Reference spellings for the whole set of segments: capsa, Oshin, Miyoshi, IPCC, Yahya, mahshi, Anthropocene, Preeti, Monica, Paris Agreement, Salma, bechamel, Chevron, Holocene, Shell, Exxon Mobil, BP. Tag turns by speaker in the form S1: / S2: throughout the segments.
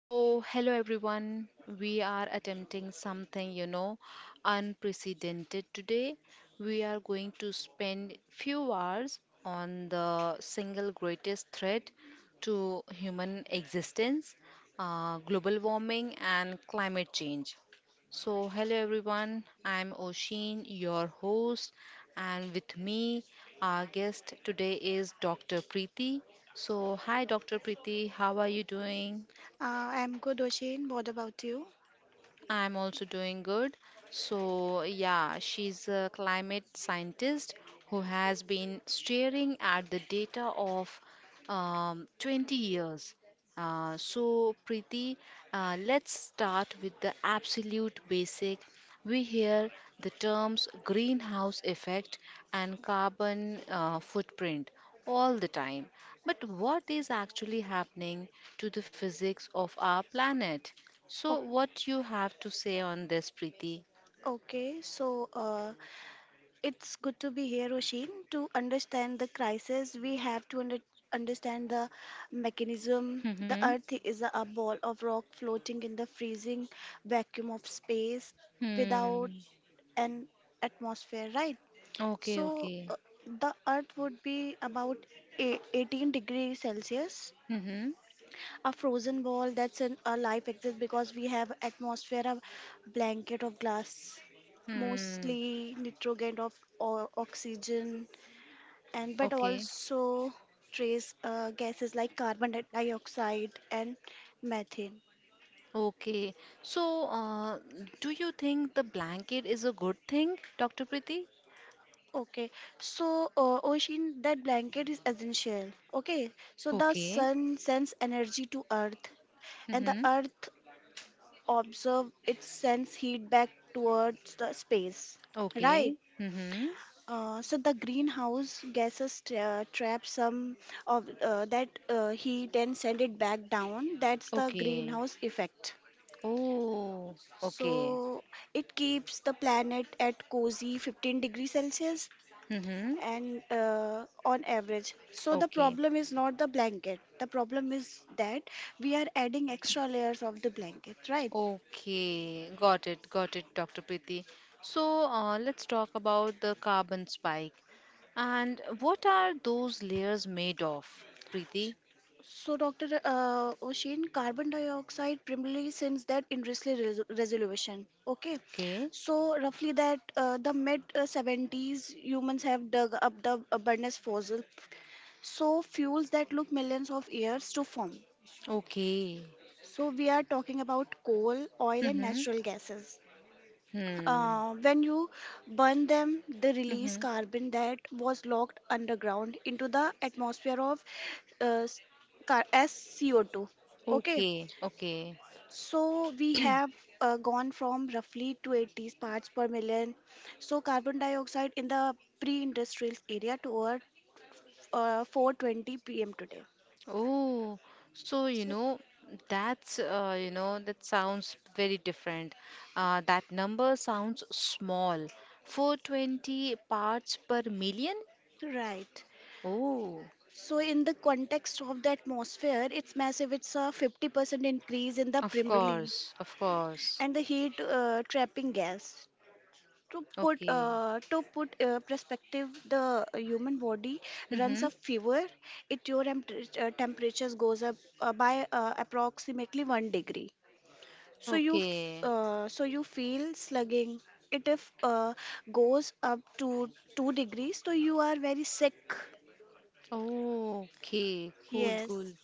S1: So, hello everyone. We are attempting something, you know, unprecedented today. We are going to spend few hours on the single greatest threat to human existence, global warming and climate change. So, hello everyone. I'm Oshin, your host, and with me, our guest today is Dr. Preeti. So, hi Dr. Preeti, how are you doing?
S2: I'm good, Oshin. What about you?
S1: I'm also doing good. So, yeah, she's a climate scientist who has been staring at the data of 20 years. So, Preeti, let's start with the absolute basic. We hear the terms greenhouse effect and carbon footprint all the time. But what is actually happening to the physics of our planet? So,
S2: O-
S1: what you have to say on this, Preeti?
S2: Okay, so it's good to be here, Oshin. To understand the crisis, we have to understand the mechanism. The
S1: Mm-hmm.
S2: Earth is a ball of rock floating in the freezing vacuum of space without
S1: Hmm.
S2: an atmosphere, right?
S1: Okay.
S2: So
S1: Okay.
S2: uh, the Earth would be about 18 degrees Celsius,
S1: Mm-hmm.
S2: a frozen ball, that's in our life exists because we have atmosphere, a blanket of glass, mostly
S1: Hmm.
S2: nitrogen, of oxygen, and but
S1: Okay.
S2: also trace gases like carbon dioxide and methane.
S1: Okay. So, do you think the blanket is a good thing, Dr. Preeti?
S2: Okay, so ocean, that blanket is essential. Okay, so the
S1: Okay.
S2: sun sends energy to Earth, and the
S1: Mm-hmm.
S2: Earth observe it sends heat back towards the space, right?
S1: Okay. Mm-hmm.
S2: So the greenhouse gases trap some of that heat and send it back down. That's the
S1: Okay.
S2: greenhouse effect.
S1: Oh. Okay.
S2: So it keeps the planet at cozy 15 degrees Celsius,
S1: Mm-hmm.
S2: and on average. So the
S1: Okay.
S2: problem is not the blanket. The problem is that we are adding extra layers of the blanket, right?
S1: Okay. Got it. Got it, Dr. Preeti. So, let's talk about the carbon spike. And what are those layers made of, Preeti?
S2: So, Dr. Oshin, carbon dioxide primarily since that industrial resolution. Okay,
S1: Okay.
S2: so roughly that the mid 70s humans have dug up the abundance fossil, so fuels that look millions of years to form.
S1: Okay.
S2: So we are talking about coal, oil, and
S1: Mm-hmm.
S2: natural gases.
S1: Hmm.
S2: When you burn them, they release
S1: Mm-hmm.
S2: carbon that was locked underground into the atmosphere of uh, s- as CO2. Okay,
S1: Okay. Okay.
S2: so we have gone from roughly 280 parts per million, so carbon dioxide in the pre-industrial area to over 420 pm today.
S1: Oh, so you
S2: So
S1: know that's you know that sounds very different. That number sounds small. 420 parts per million?
S2: right.
S1: Oh,
S2: So in the context of the atmosphere, it's massive. It's a 50% increase in the
S1: of
S2: primarily,
S1: course, of course.
S2: and the heat trapping gas. to put
S1: Okay.
S2: uh, to put uh, perspective, the human body runs
S1: Mm-hmm.
S2: a fever, it your temperatures goes up by approximately 1 degree, so you
S1: Okay.
S2: feel slugging. It if goes up to 2 degrees, so you are very sick.
S1: Okay. Cool, cool.
S2: Yes.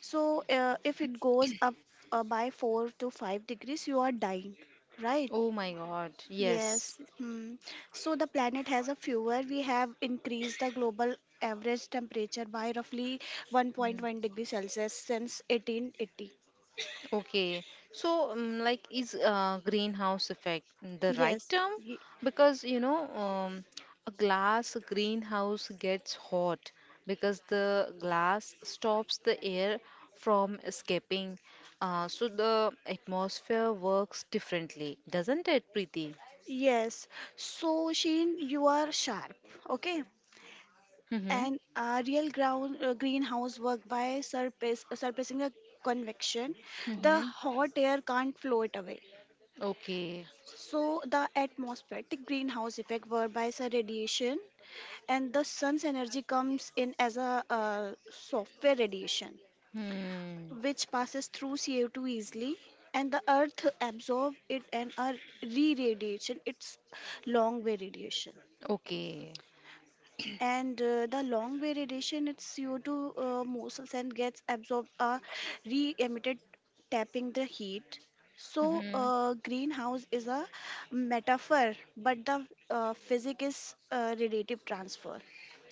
S2: So if it goes up by 4 to 5 degrees, you are dying, right?
S1: Oh my God, yes.
S2: Yes. Hmm. So the planet has a fewer. We have increased the global average temperature by roughly 1.1
S1: Mm.
S2: degree Celsius since 1880.
S1: Okay, so like is greenhouse effect the right
S2: Yes.
S1: term? Because you know, a glass greenhouse gets hot because the glass stops the air from escaping. So the atmosphere works differently, doesn't it, Preeti?
S2: Yes. So Sheen, you are sharp. Okay.
S1: Mm-hmm.
S2: And real ground greenhouse work by surface surfacing the convection. The
S1: Mm-hmm.
S2: hot air can't flow it away.
S1: Okay.
S2: So the atmospheric greenhouse effect, whereby the radiation and the sun's energy comes in as a software radiation,
S1: Hmm.
S2: which passes through CO2 easily, and the earth absorbs it and are re-radiation, it's long way radiation,
S1: Okay.
S2: and the long way radiation its CO2 molecules and gets absorbed, are re-emitted tapping the heat. so
S1: Mm-hmm.
S2: uh, greenhouse is a metaphor, but the physics is radiative transfer.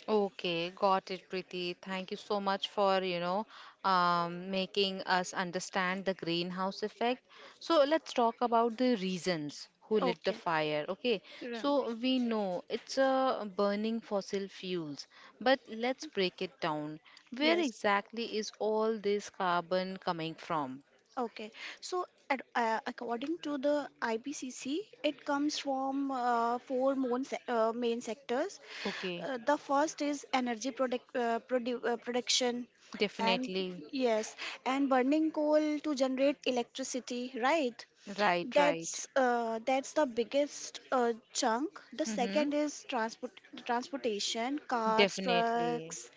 S1: Okay, got it, Preeti. Thank you so much for, you know, making us understand the greenhouse effect. So let's talk about the reasons who lit the
S2: Okay.
S1: fire. Okay, so we know it's burning fossil fuels, but let's break it down. Where
S2: Yes.
S1: exactly is all this carbon coming from?
S2: Okay. So, according to the IPCC, it comes from four main, main sectors.
S1: Okay,
S2: The first is energy production, and
S1: definitely.
S2: yes, and burning coal to generate electricity, right?
S1: Right, right.
S2: That's the biggest chunk. The
S1: Mm-hmm.
S2: second is transportation: cars,
S1: Definitely.
S2: trucks,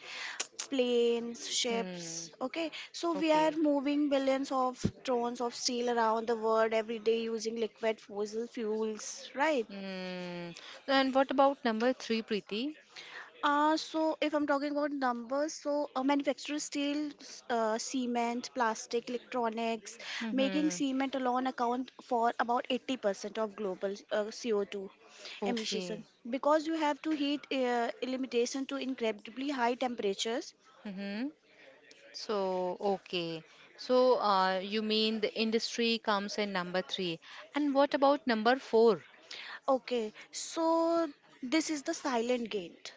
S2: planes,
S1: Hmm.
S2: ships. Okay, so we are
S1: Okay.
S2: moving billions of tons of steel around the world every day using liquid fossil fuels, right?
S1: Mm. And what about number three, Preeti?
S2: So, if I'm talking about numbers, manufacture steel, cement, plastic, electronics, making
S1: Mm-hmm.
S2: cement alone account for about 80% of global CO2 emission.
S1: Okay.
S2: Because you have to heat limitation to incredibly high temperatures.
S1: Mm-hmm. So, okay. So, you mean the industry comes in number three. And what about number four?
S2: Okay, so this is the silent gate.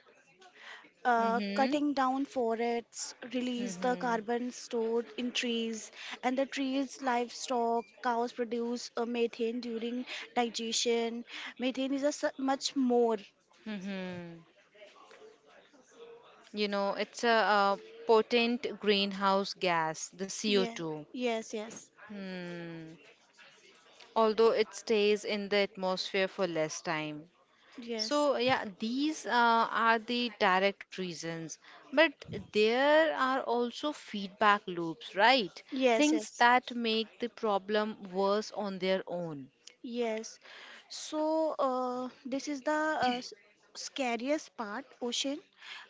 S1: Mm-hmm.
S2: Cutting down forests release the
S1: Mm-hmm.
S2: carbon stored in trees, and the trees, livestock, cows produce methane during digestion. Methane is a much more.
S1: Mm-hmm. You know, it's a, potent greenhouse gas, the
S2: Yeah.
S1: CO2.
S2: Yes. Yes.
S1: Hmm. Although it stays in the atmosphere for less time.
S2: Yes.
S1: So, yeah, these are the direct reasons, but there are also feedback loops, right?
S2: Yes.
S1: Things
S2: Yes.
S1: that make the problem worse on their own.
S2: Yes. So this is the uh, s- scariest part, ocean.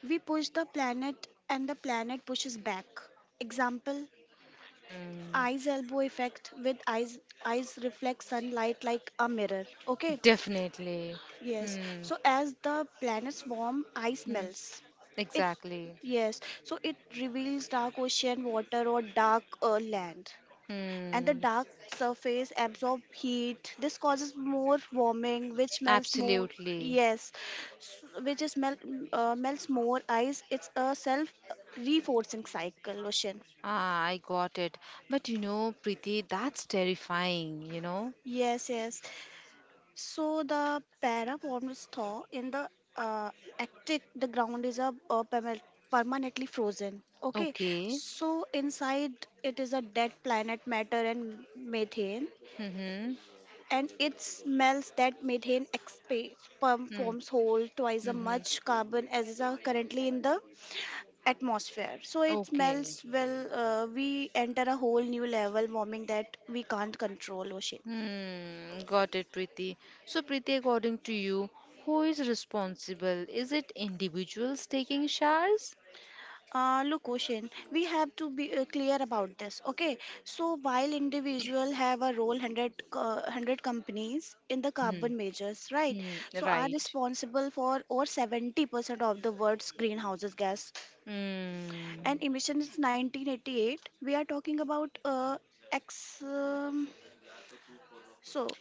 S2: We push the planet and the planet pushes back. Example,
S1: Hmm,
S2: eyes elbow effect with eyes reflect sunlight like a mirror. Okay.
S1: definitely.
S2: Yes.
S1: Hmm,
S2: So as the planets warm, ice
S1: hmm,
S2: melts. It
S1: exactly.
S2: Yes. So it reveals dark ocean water or dark land, and the
S1: Hmm,
S2: dark surface absorb heat, this causes more warming, which melts more,
S1: absolutely.
S2: yes, s- which is melt melts more ice. It's a self reinforcing cycle, ocean.
S1: Ah, I got it. But you know, Preeti, that's terrifying, you know?
S2: Yes, yes. So the parabombs thaw in the uh, Arctic, the ground is permanently frozen. Okay,
S1: Okay.
S2: so inside it is a dead planet matter and methane.
S1: Mm-hmm.
S2: And it smells that methane pump
S1: Hmm.
S2: forms whole twice as
S1: Mm-hmm.
S2: much carbon as is currently in the atmosphere. So it
S1: Okay.
S2: smells well, we enter a whole new level warming that we can't control, ocean.
S1: Hmm, got it, Preeti. So, Preeti, according to you, who is responsible? Is it individuals taking showers?
S2: Look, ocean, we have to be clear about this, okay? So while individual have a role, 100 companies in the
S1: Hmm,
S2: carbon measures, right?
S1: hmm, hmm,
S2: So are
S1: right.
S2: responsible for over 70% of the world's greenhouses gas,
S1: Hmm.
S2: and emission is 1988. We are talking about ex so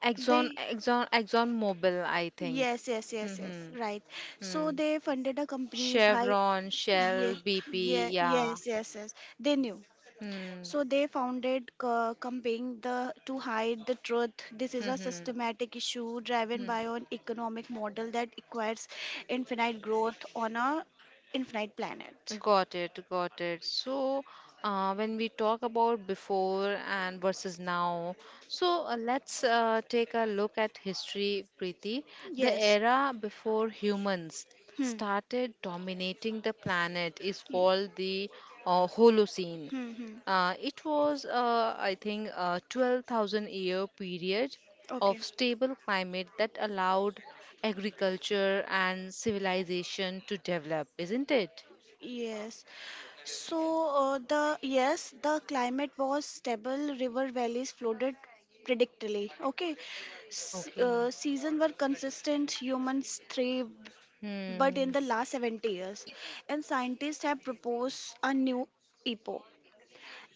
S1: Exxon,
S2: they,
S1: Exxon, Exxon Mobil, I think.
S2: yes, yes,
S1: Hmm,
S2: yes, yes,
S1: hmm.
S2: right. So
S1: Hmm.
S2: they funded a company's high.
S1: Chevron,
S2: Yeah,
S1: Shell,
S2: yeah.
S1: BP, yeah.
S2: Yes, yes, yes, they knew.
S1: Hmm,
S2: So they founded campaign the to hide the truth. This is
S1: hmm,
S2: a
S1: hmm.
S2: systematic issue driven by
S1: Hmm.
S2: an economic model that requires infinite growth on a infinite planet.
S1: Got it, got it. So, when we talk about before and versus now, so let's take a look at history, Preeti. The
S2: Yes.
S1: era before humans
S2: Hmm.
S1: started dominating the planet is
S2: Y-
S1: called the Holocene.
S2: hmm, hmm.
S1: It was I think, a 12,000 year period of
S2: Okay.
S1: stable climate that allowed agriculture and civilization to develop, isn't it?
S2: Yes. So, the, yes, the climate was stable. River valleys flooded predictably. Okay.
S1: Okay.
S2: Seasons were consistent. Humans thrived, but
S1: Hmm.
S2: in the last 70 years, and scientists have proposed a new epoch.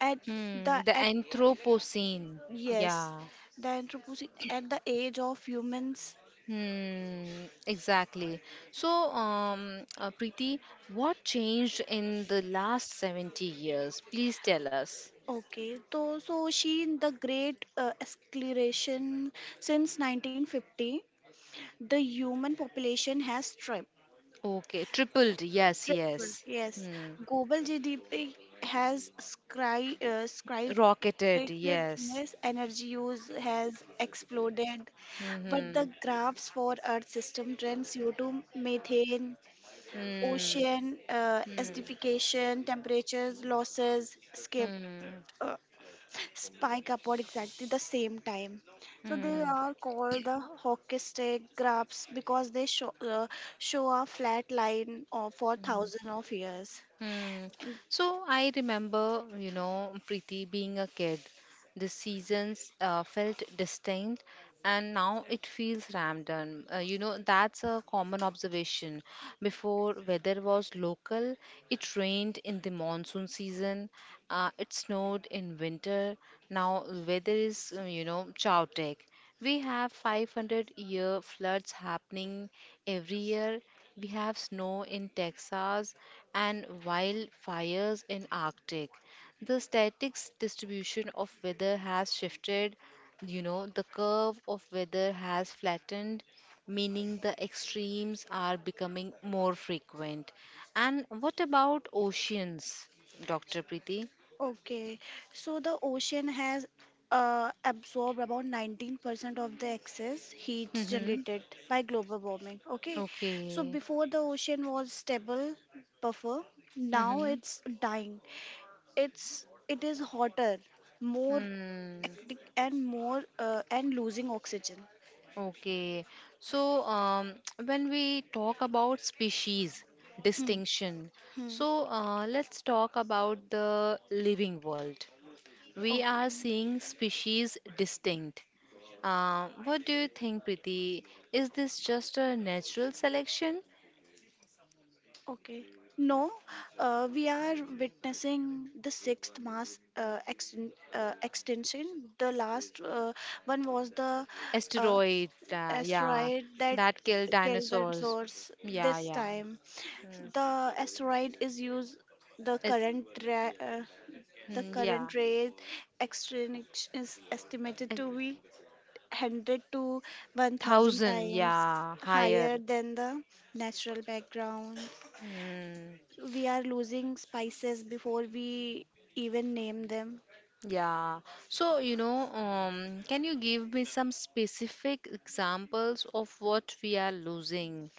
S2: At
S1: Hmm.
S2: the
S1: The
S2: at
S1: Anthropocene.
S2: Yes,
S1: Yeah.
S2: the Anthropocene, at the age of humans.
S1: Hmm. Exactly. So, Preeti, what changed in the last 70 years? Please tell us.
S2: Okay, so she in the Great Escalation since 1950. The human population has stripped.
S1: Okay. Tripled. Yes.
S2: Tripled.
S1: Yes.
S2: Yes,
S1: Hmm.
S2: global GDP has skyrocketed.
S1: Rocketed.
S2: Skyrocketed.
S1: Yes.
S2: Yes, energy use has exploded, but
S1: Mm-hmm.
S2: the graphs for Earth system trends: CO2, methane,
S1: Hmm.
S2: ocean
S1: Hmm.
S2: acidification, temperatures, losses, skip,
S1: Hmm. Hmm.
S2: spike upward exactly the same time. So they
S1: Hmm.
S2: are called the hockey stick graphs because they show a flat line of, for
S1: Hmm.
S2: thousands of years.
S1: Hmm. So I remember, you know, Preeti being a kid. The seasons felt distinct, and now it feels random. You know, that's a common observation. Before weather was local, it rained in the monsoon season. It snowed in winter. Now weather is, you know, chaotic. We have 500-year floods happening every year. We have snow in Texas and wildfires in Arctic. The statistics distribution of weather has shifted, you know, the curve of weather has flattened, meaning the extremes are becoming more frequent. And what about oceans, Dr. Preeti?
S2: Okay, so the ocean has absorbed about 19% of the excess heat
S1: Mm-hmm.
S2: generated by global warming. Okay, so
S1: Okay.
S2: before the ocean was stable buffer, now
S1: Mm-hmm.
S2: it's dying. It is hotter, more
S1: Mm.
S2: hectic, and more and losing oxygen.
S1: Okay, so when we talk about species
S2: Hmm.
S1: distinction,
S2: Hmm.
S1: so let's talk about the living world. We are
S2: Okay,
S1: seeing species distinct. What do you think, Priti? Is this just a natural selection?
S2: okay. No, we are witnessing the sixth mass extinction. The last one was the uh,
S1: Asteroid, yeah,
S2: asteroid that
S1: that killed
S2: killed the
S1: dinosaurs.
S2: source.
S1: Yeah,
S2: This
S1: yeah.
S2: time
S1: Mm.
S2: the asteroid is used, the
S1: It's,
S2: current ra- uh, the
S1: mm, yeah,
S2: current rate exchange is estimated
S1: a
S2: to be 100 to 1000
S1: thousand,
S2: times
S1: yeah, higher.
S2: higher than the natural background.
S1: Mm.
S2: We are losing spices before we even name them.
S1: Yeah. So, you know, can you give me some specific examples of what we are losing?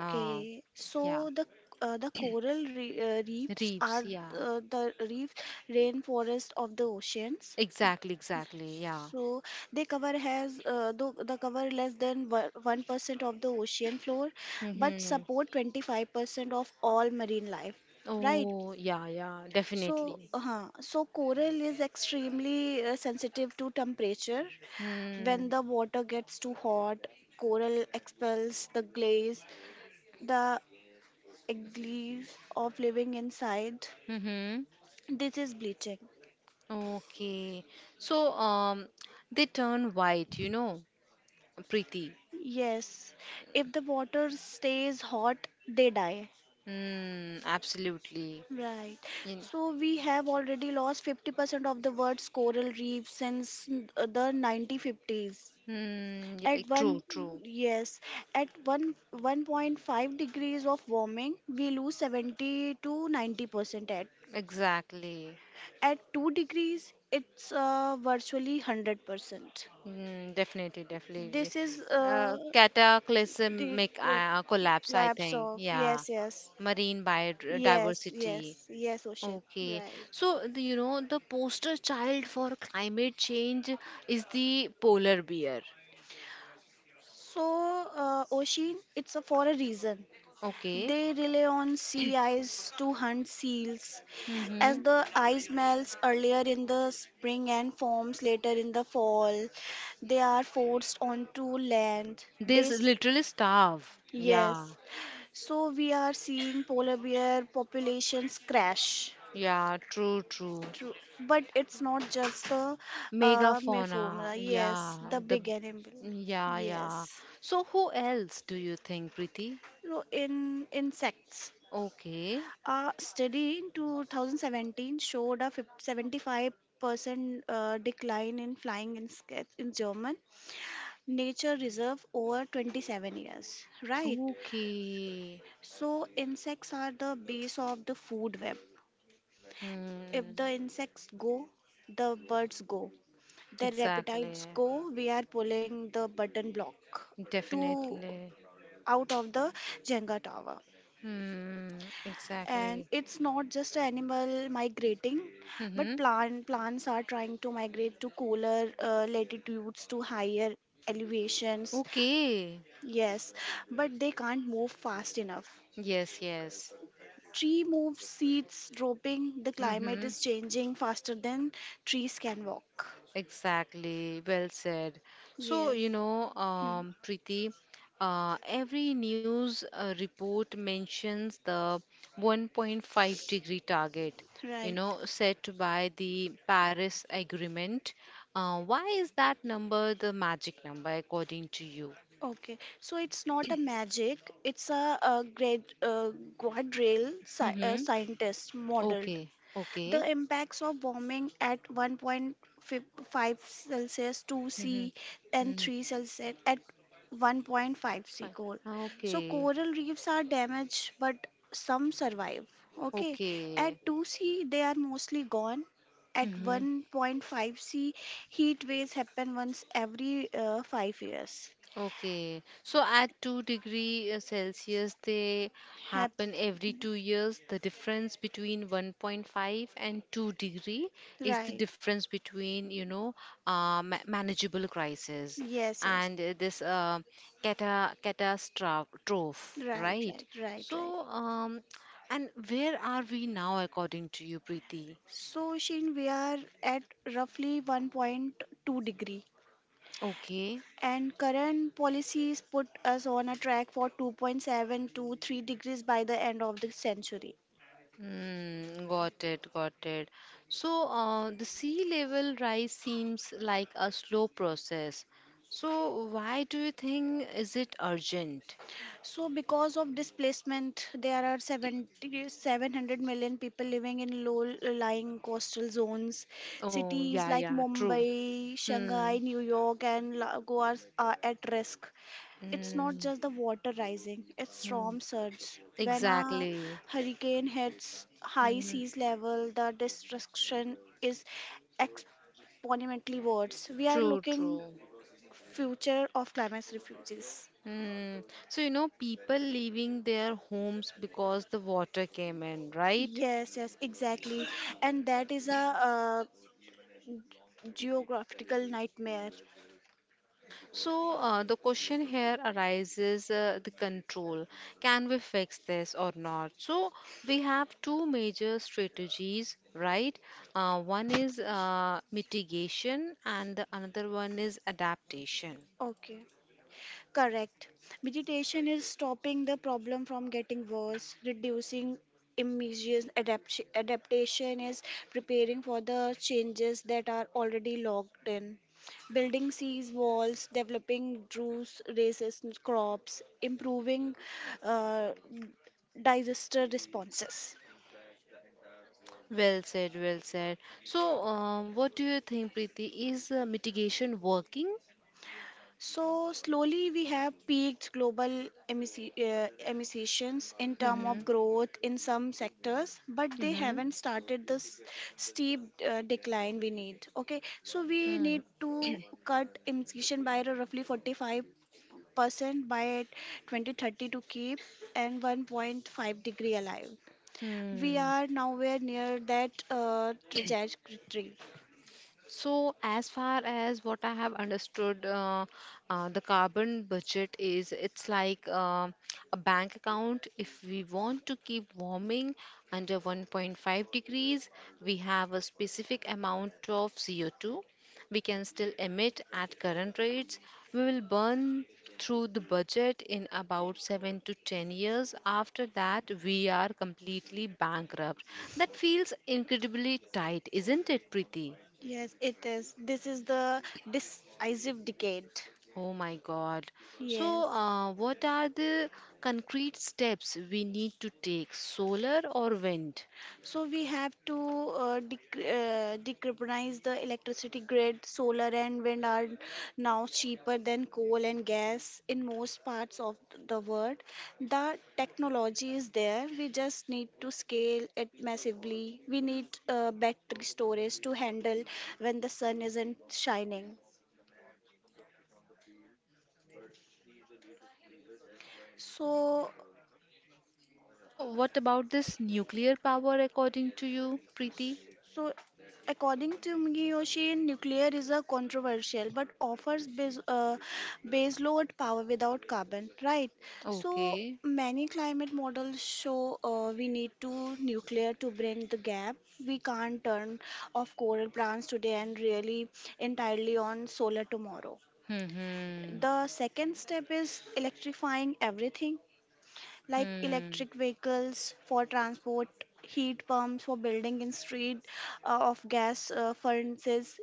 S1: Uh, yeah.
S2: so the coral reefs are
S1: Reefs. Yeah.
S2: the reef rainforest of the oceans.
S1: Exactly. Exactly. Yeah.
S2: So they cover has though the cover less than 1% of the ocean floor, but
S1: Mm-hmm.
S2: support 25% of all marine life. Right.
S1: Oh, yeah. Yeah.
S2: So,
S1: Definitely.
S2: uh, so coral is extremely sensitive to temperature.
S1: Hmm.
S2: When the water gets too hot, coral expels the glaze of living inside.
S1: Mm-hmm.
S2: This is bleaching.
S1: Okay. So, they turn white, you know, pretty.
S2: Yes, if the water stays hot, they die.
S1: Mm, absolutely.
S2: Right.
S1: You,
S2: So we have already lost 50% of the world's coral reef since the 1950s.
S1: mm, yeah,
S2: At
S1: true,
S2: one,
S1: true.
S2: yes, at one 1.5 degrees of warming, we lose 70 to 90% at.
S1: Exactly.
S2: At 2 degrees, it's virtually 100%.
S1: Mm, definitely, definitely.
S2: This is
S1: Uh,
S2: uh, the
S1: cataclysmic
S2: co-
S1: uh, collapse, I
S2: collapse
S1: think.
S2: of,
S1: Yeah.
S2: yes, yes,
S1: Marine
S2: yes,
S1: biodiversity.
S2: yes, yes, ocean.
S1: Okay.
S2: Right.
S1: So, you know, the poster child for climate change is the polar bear.
S2: So Oshin, it's a, for a reason.
S1: Okay.
S2: They rely on sea ice to hunt seals,
S1: Mm-hmm.
S2: as the ice melts earlier in the spring and forms later in the fall. They are forced onto land.
S1: They
S2: This,
S1: literally starve. Yeah.
S2: yes. So we are seeing polar bear populations crash.
S1: Yeah. True, true.
S2: True, but it's not just the
S1: Megafauna.
S2: mephomla. Yes,
S1: Yeah.
S2: the
S1: The.
S2: big animal.
S1: Yeah, yeah.
S2: Yes.
S1: So, who else do you think, Preeti?
S2: So in insects,
S1: Okay.
S2: a study in 2017 showed a 75% decline in flying insects in German nature reserve over 27 years. Right?
S1: Okay.
S2: So, insects are the base of the food web. If
S1: Mm,
S2: the insects go, the birds go. The
S1: exactly.
S2: reptiles go, we are pulling the button block, to
S1: Definitely.
S2: out of the Jenga tower.
S1: Hmm.
S2: And
S1: Exactly.
S2: it's not just animal migrating, but
S1: Mm-hmm.
S2: plants are trying to migrate to cooler latitudes, to higher elevations.
S1: Okay.
S2: Yes, but they can't move fast enough.
S1: Yes, yes.
S2: Tree moves, seeds dropping. The climate
S1: Mm-hmm.
S2: is changing faster than trees can walk.
S1: Exactly, well said. So, you
S2: Yes.
S1: know,
S2: Hmm.
S1: Preeti, every news report mentions the 1.5-degree target, you
S2: Right.
S1: know, set by the Paris Agreement. Why is that number the magic number according to you?
S2: Okay, so it's not a magic, it's a great guardrail
S1: Mm-hmm.
S2: scientist model.
S1: Okay, okay.
S2: The impacts of warming at 1.5 Celsius, 2
S1: Mm-hmm.
S2: C, and
S1: Mm-hmm.
S2: 3 Celsius at 1.5 C
S1: Fine.
S2: coral. So
S1: Okay,
S2: coral reefs are damaged, but some survive. Okay,
S1: okay.
S2: at 2 C they are mostly gone. At
S1: Mm-hmm.
S2: 1.5 C, heat waves happen once every 5 years.
S1: Okay, so at 2 degree Celsius, they
S2: Hap-
S1: happen every 2 years. The difference between 1.5 and 2 degree is the
S2: right.
S1: difference between, you know, manageable crisis
S2: Yes. Yes.
S1: and this catastrophe,
S2: Right.
S1: right?
S2: Right. Right. Right.
S1: So, um, and where are we now, according to you, Preeti?
S2: So, Shin, we are at roughly 1.2 degree,
S1: Okay.
S2: and current policies put us on a track for 2.7 to 3 degrees by the end of the century.
S1: Mm, got it, got it. So, the sea level rise seems like a slow process. So, why do you think is it urgent?
S2: So, because of displacement, there are 70, 700 million people living in low-lying coastal zones.
S1: Oh,
S2: Cities
S1: yeah,
S2: like
S1: yeah, true.
S2: Mumbai,
S1: Hmm.
S2: Shanghai, New York, and Goa are at risk. It's not
S1: Mm,
S2: just the water rising; it's
S1: hmm.
S2: storm surge. When a
S1: Exactly.
S2: hurricane hits high
S1: Hmm.
S2: seas level, the destruction is exponentially worse. We are
S1: True,
S2: looking
S1: true.
S2: future of climate refugees.
S1: Hmm. So, you know, people leaving their homes because the water came in, right?
S2: Yes, yes, exactly. And that is a geographical nightmare.
S1: So, the question here arises the control. Can we fix this or not? So, we have two major strategies, right? One is mitigation, and the another one is adaptation.
S2: Okay, correct. Meditation is stopping the problem from getting worse, reducing immediate adaptation is preparing for the changes that are already locked in. Building seas walls, developing druce resistant crops, improving uh, disaster responses.
S1: Well said, well said. So, what do you think, Preeti? Is mitigation working?
S2: So slowly we have peaked global emissions in terms
S1: Mm-hmm.
S2: of growth in some sectors, but they
S1: Mm-hmm.
S2: haven't started the steep decline we need. Okay, so we need to cut emission by roughly 45% by 2030 to keep and 1.5-degree alive. We
S1: Mm-hmm.
S2: are nowhere near that trajectory.
S1: So, as far as what I have understood, the carbon budget is it's like a bank account. If we want to keep warming under 1.5 degrees, we have a specific amount of CO2. We can still emit at current rates. We will burn through the budget in about 7 to 10 years. After that, we are completely bankrupt. That feels incredibly tight, isn't it, Preeti?
S2: Yes, it is. This is the decisive decade.
S1: Oh my God. So,
S2: Yes.
S1: what are the concrete steps we need to take? Solar or wind?
S2: So we have to decarbonize the electricity grid. Solar and wind are now cheaper than coal and gas in most parts of the world. The technology is there. We just need to scale it massively. We need battery storage to handle when the sun isn't shining. So
S1: So, what about this nuclear power according to you, Preeti?
S2: So, according to Miyoshi, nuclear is a controversial but offers baseload power without carbon, right? So,
S1: Okay.
S2: many climate models show we need to nuclear to bring the gap. We can't turn off coral plants today and really entirely on solar tomorrow.
S1: Hmm.
S2: The second step is electrifying everything like
S1: Hmm.
S2: electric vehicles for transport, heat pumps for building and street of gas furnaces.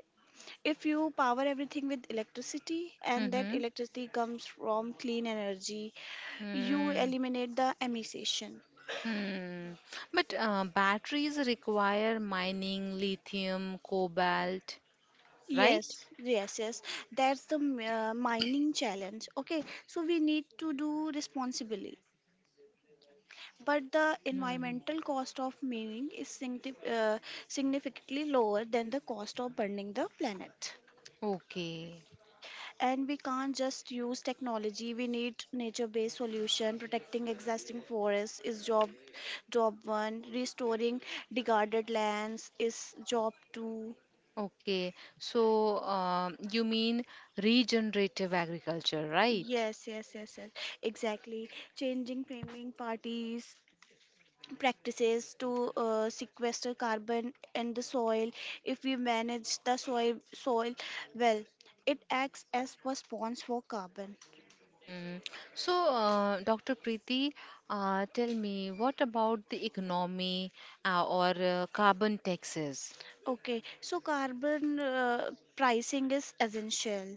S2: If you power everything with electricity and that
S1: Hmm.
S2: electricity comes from clean energy, you
S1: Hmm.
S2: eliminate the emission.
S1: Hmm. But batteries require mining lithium, cobalt, right?
S2: Yes, yes, yes. That's the mining challenge. Okay, so we need to do responsibly, but the
S1: Hmm.
S2: environmental cost of mining is significantly lower than the cost of burning the planet,
S1: Okay.
S2: and we can't just use technology. We need nature based solution. Protecting existing forests is job 1. Restoring degraded lands is job 2.
S1: Okay, so you mean regenerative agriculture, right?
S2: Yes, yes, yes, yes, exactly. Changing framing parties practices to sequester carbon in the soil. If we manage the soil well, it acts as a response for carbon.
S1: Hmm. So, Dr. Preeti, tell me what about the economy or carbon taxes?
S2: Okay, so carbon pricing is essential.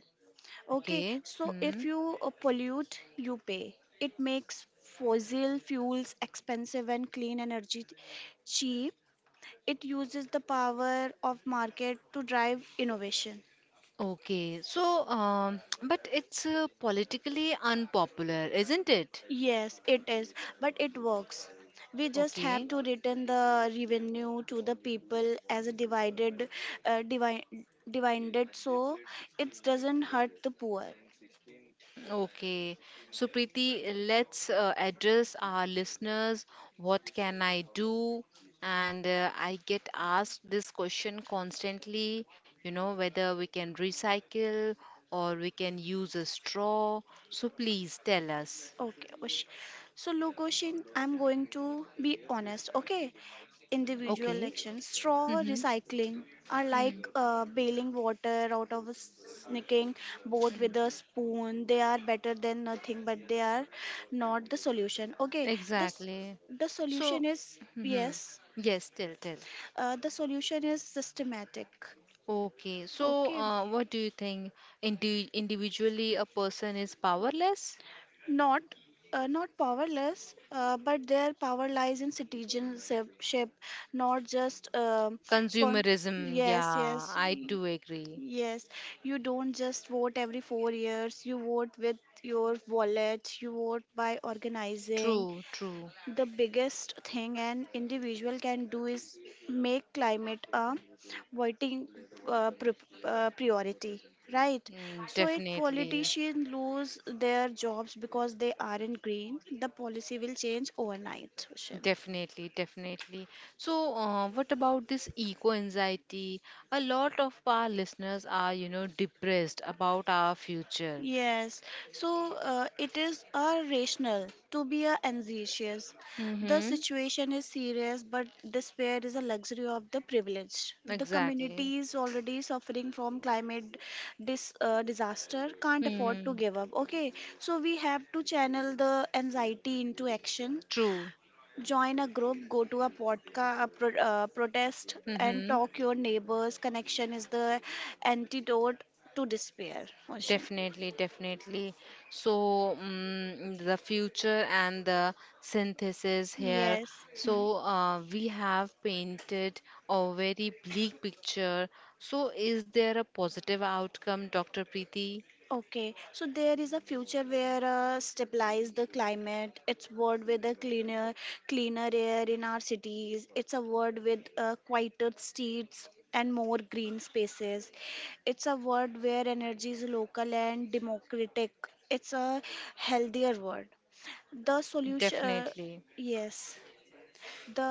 S2: Okay,
S1: Okay.
S2: so if
S1: Hmm.
S2: you pollute, you pay. It makes fossil fuels expensive and clean energy cheap. It uses the power of market to drive innovation.
S1: Okay. So, but it's politically unpopular, isn't it?
S2: Yes, it is, but it works. We just have
S1: Okay.
S2: to return the revenue to the people as a divided, uh, divi- divided, so it doesn't hurt the poor.
S1: Okay, so Preeti, let's address our listeners. What can I do? And I get asked this question constantly, you know, whether we can recycle or we can use a straw. So please tell us.
S2: Okay, Osh. So look, Oshin, I'm going to be honest, okay? Individual
S1: Okay.
S2: actions, straw
S1: Mm-hmm.
S2: recycling are
S1: Mm.
S2: like bailing water out of a sneaking boat with a spoon. They are better than nothing, but they are not the solution. Okay, the s-
S1: Exactly.
S2: the
S1: So,
S2: solution is
S1: hmm
S2: yes,
S1: yes, tell, tell.
S2: the solution is systematic.
S1: Okay, so
S2: Okay,
S1: what do you think? Individually, a person is powerless?
S2: not not powerless but their power lies in citizenship, not just con-
S1: Consumerism,
S2: yes
S1: yeah,
S2: yes
S1: I do
S2: y-
S1: agree.
S2: yes. You don't just vote every 4 years. You vote with your wallet. You vote by organizing.
S1: True, true.
S2: The biggest thing an individual can do is make climate a voting uh, pri- priority, right?
S1: Mm,
S2: So, if
S1: definitely,
S2: politicians lose their jobs because they aren't green, the policy will change overnight. Sushil.
S1: definitely, definitely. So, what about this eco anxiety? A lot of our listeners are, you know, depressed about our future.
S2: Yes, so it is a rational to be a anxious. The
S1: Mm-hmm.
S2: situation is serious, but despair is a luxury of the privileged. The
S1: Exactly.
S2: community is already suffering from climate disaster, can't afford to
S1: Mm,
S2: give up. Okay, so we have to channel the anxiety into action.
S1: true.
S2: Join a group, go to a podcast, a protest, and
S1: Mm-hmm.
S2: talk your neighbors. Connection is the antidote to despair. Ocean.
S1: Definitely, definitely. So, mm the future and the synthesis here.
S2: Yes. Hmm.
S1: So, we have painted a very bleak picture. So, is there a positive outcome, Dr. Preeti?
S2: Okay. So there is a future where stabilize the climate. It's world with a cleaner, cleaner air in our cities. It's a world with quieter streets and more green spaces. It's a world where energy is local and democratic. It's a healthier world. The solution,
S1: Definitely.
S2: yes, the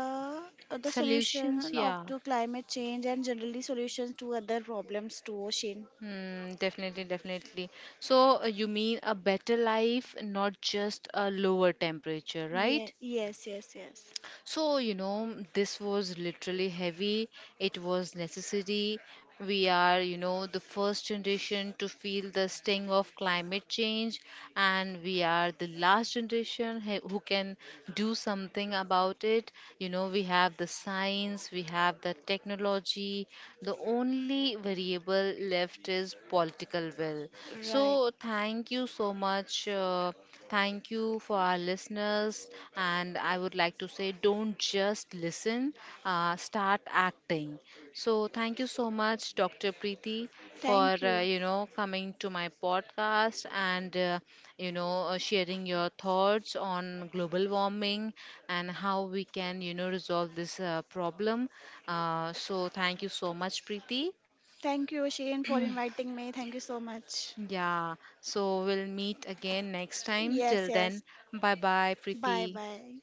S2: the
S1: Solutions,
S2: solution of
S1: yeah.
S2: to climate change and generally solutions to other problems too, ocean.
S1: Mm, definitely, definitely. So, you mean a better life, not just a lower temperature,
S2: Yeah,
S1: right?
S2: yes, yes, yes.
S1: So, you know, this was literally heavy. It was necessity. We are, you know, the first generation to feel the sting of climate change, and we are the last generation who can do something about it. You know, we have the science, we have the technology. The only variable left is political will.
S2: Right.
S1: So, thank you so much. Thank you for our listeners. And I would like to say don't just listen, start acting. So, thank you so much, Dr. Preeti, for,
S2: Thank you.
S1: you know, coming to my podcast and, you know, sharing your thoughts on global warming and how we can, you know, resolve this problem. So, thank you so much, Preeti.
S2: Thank you, Shane, for inviting me. Thank you so much.
S1: Yeah. So, we'll meet again next time.
S2: Yes,
S1: Till
S2: yes.
S1: then, bye bye,
S2: Bye
S1: Preeti.
S2: bye.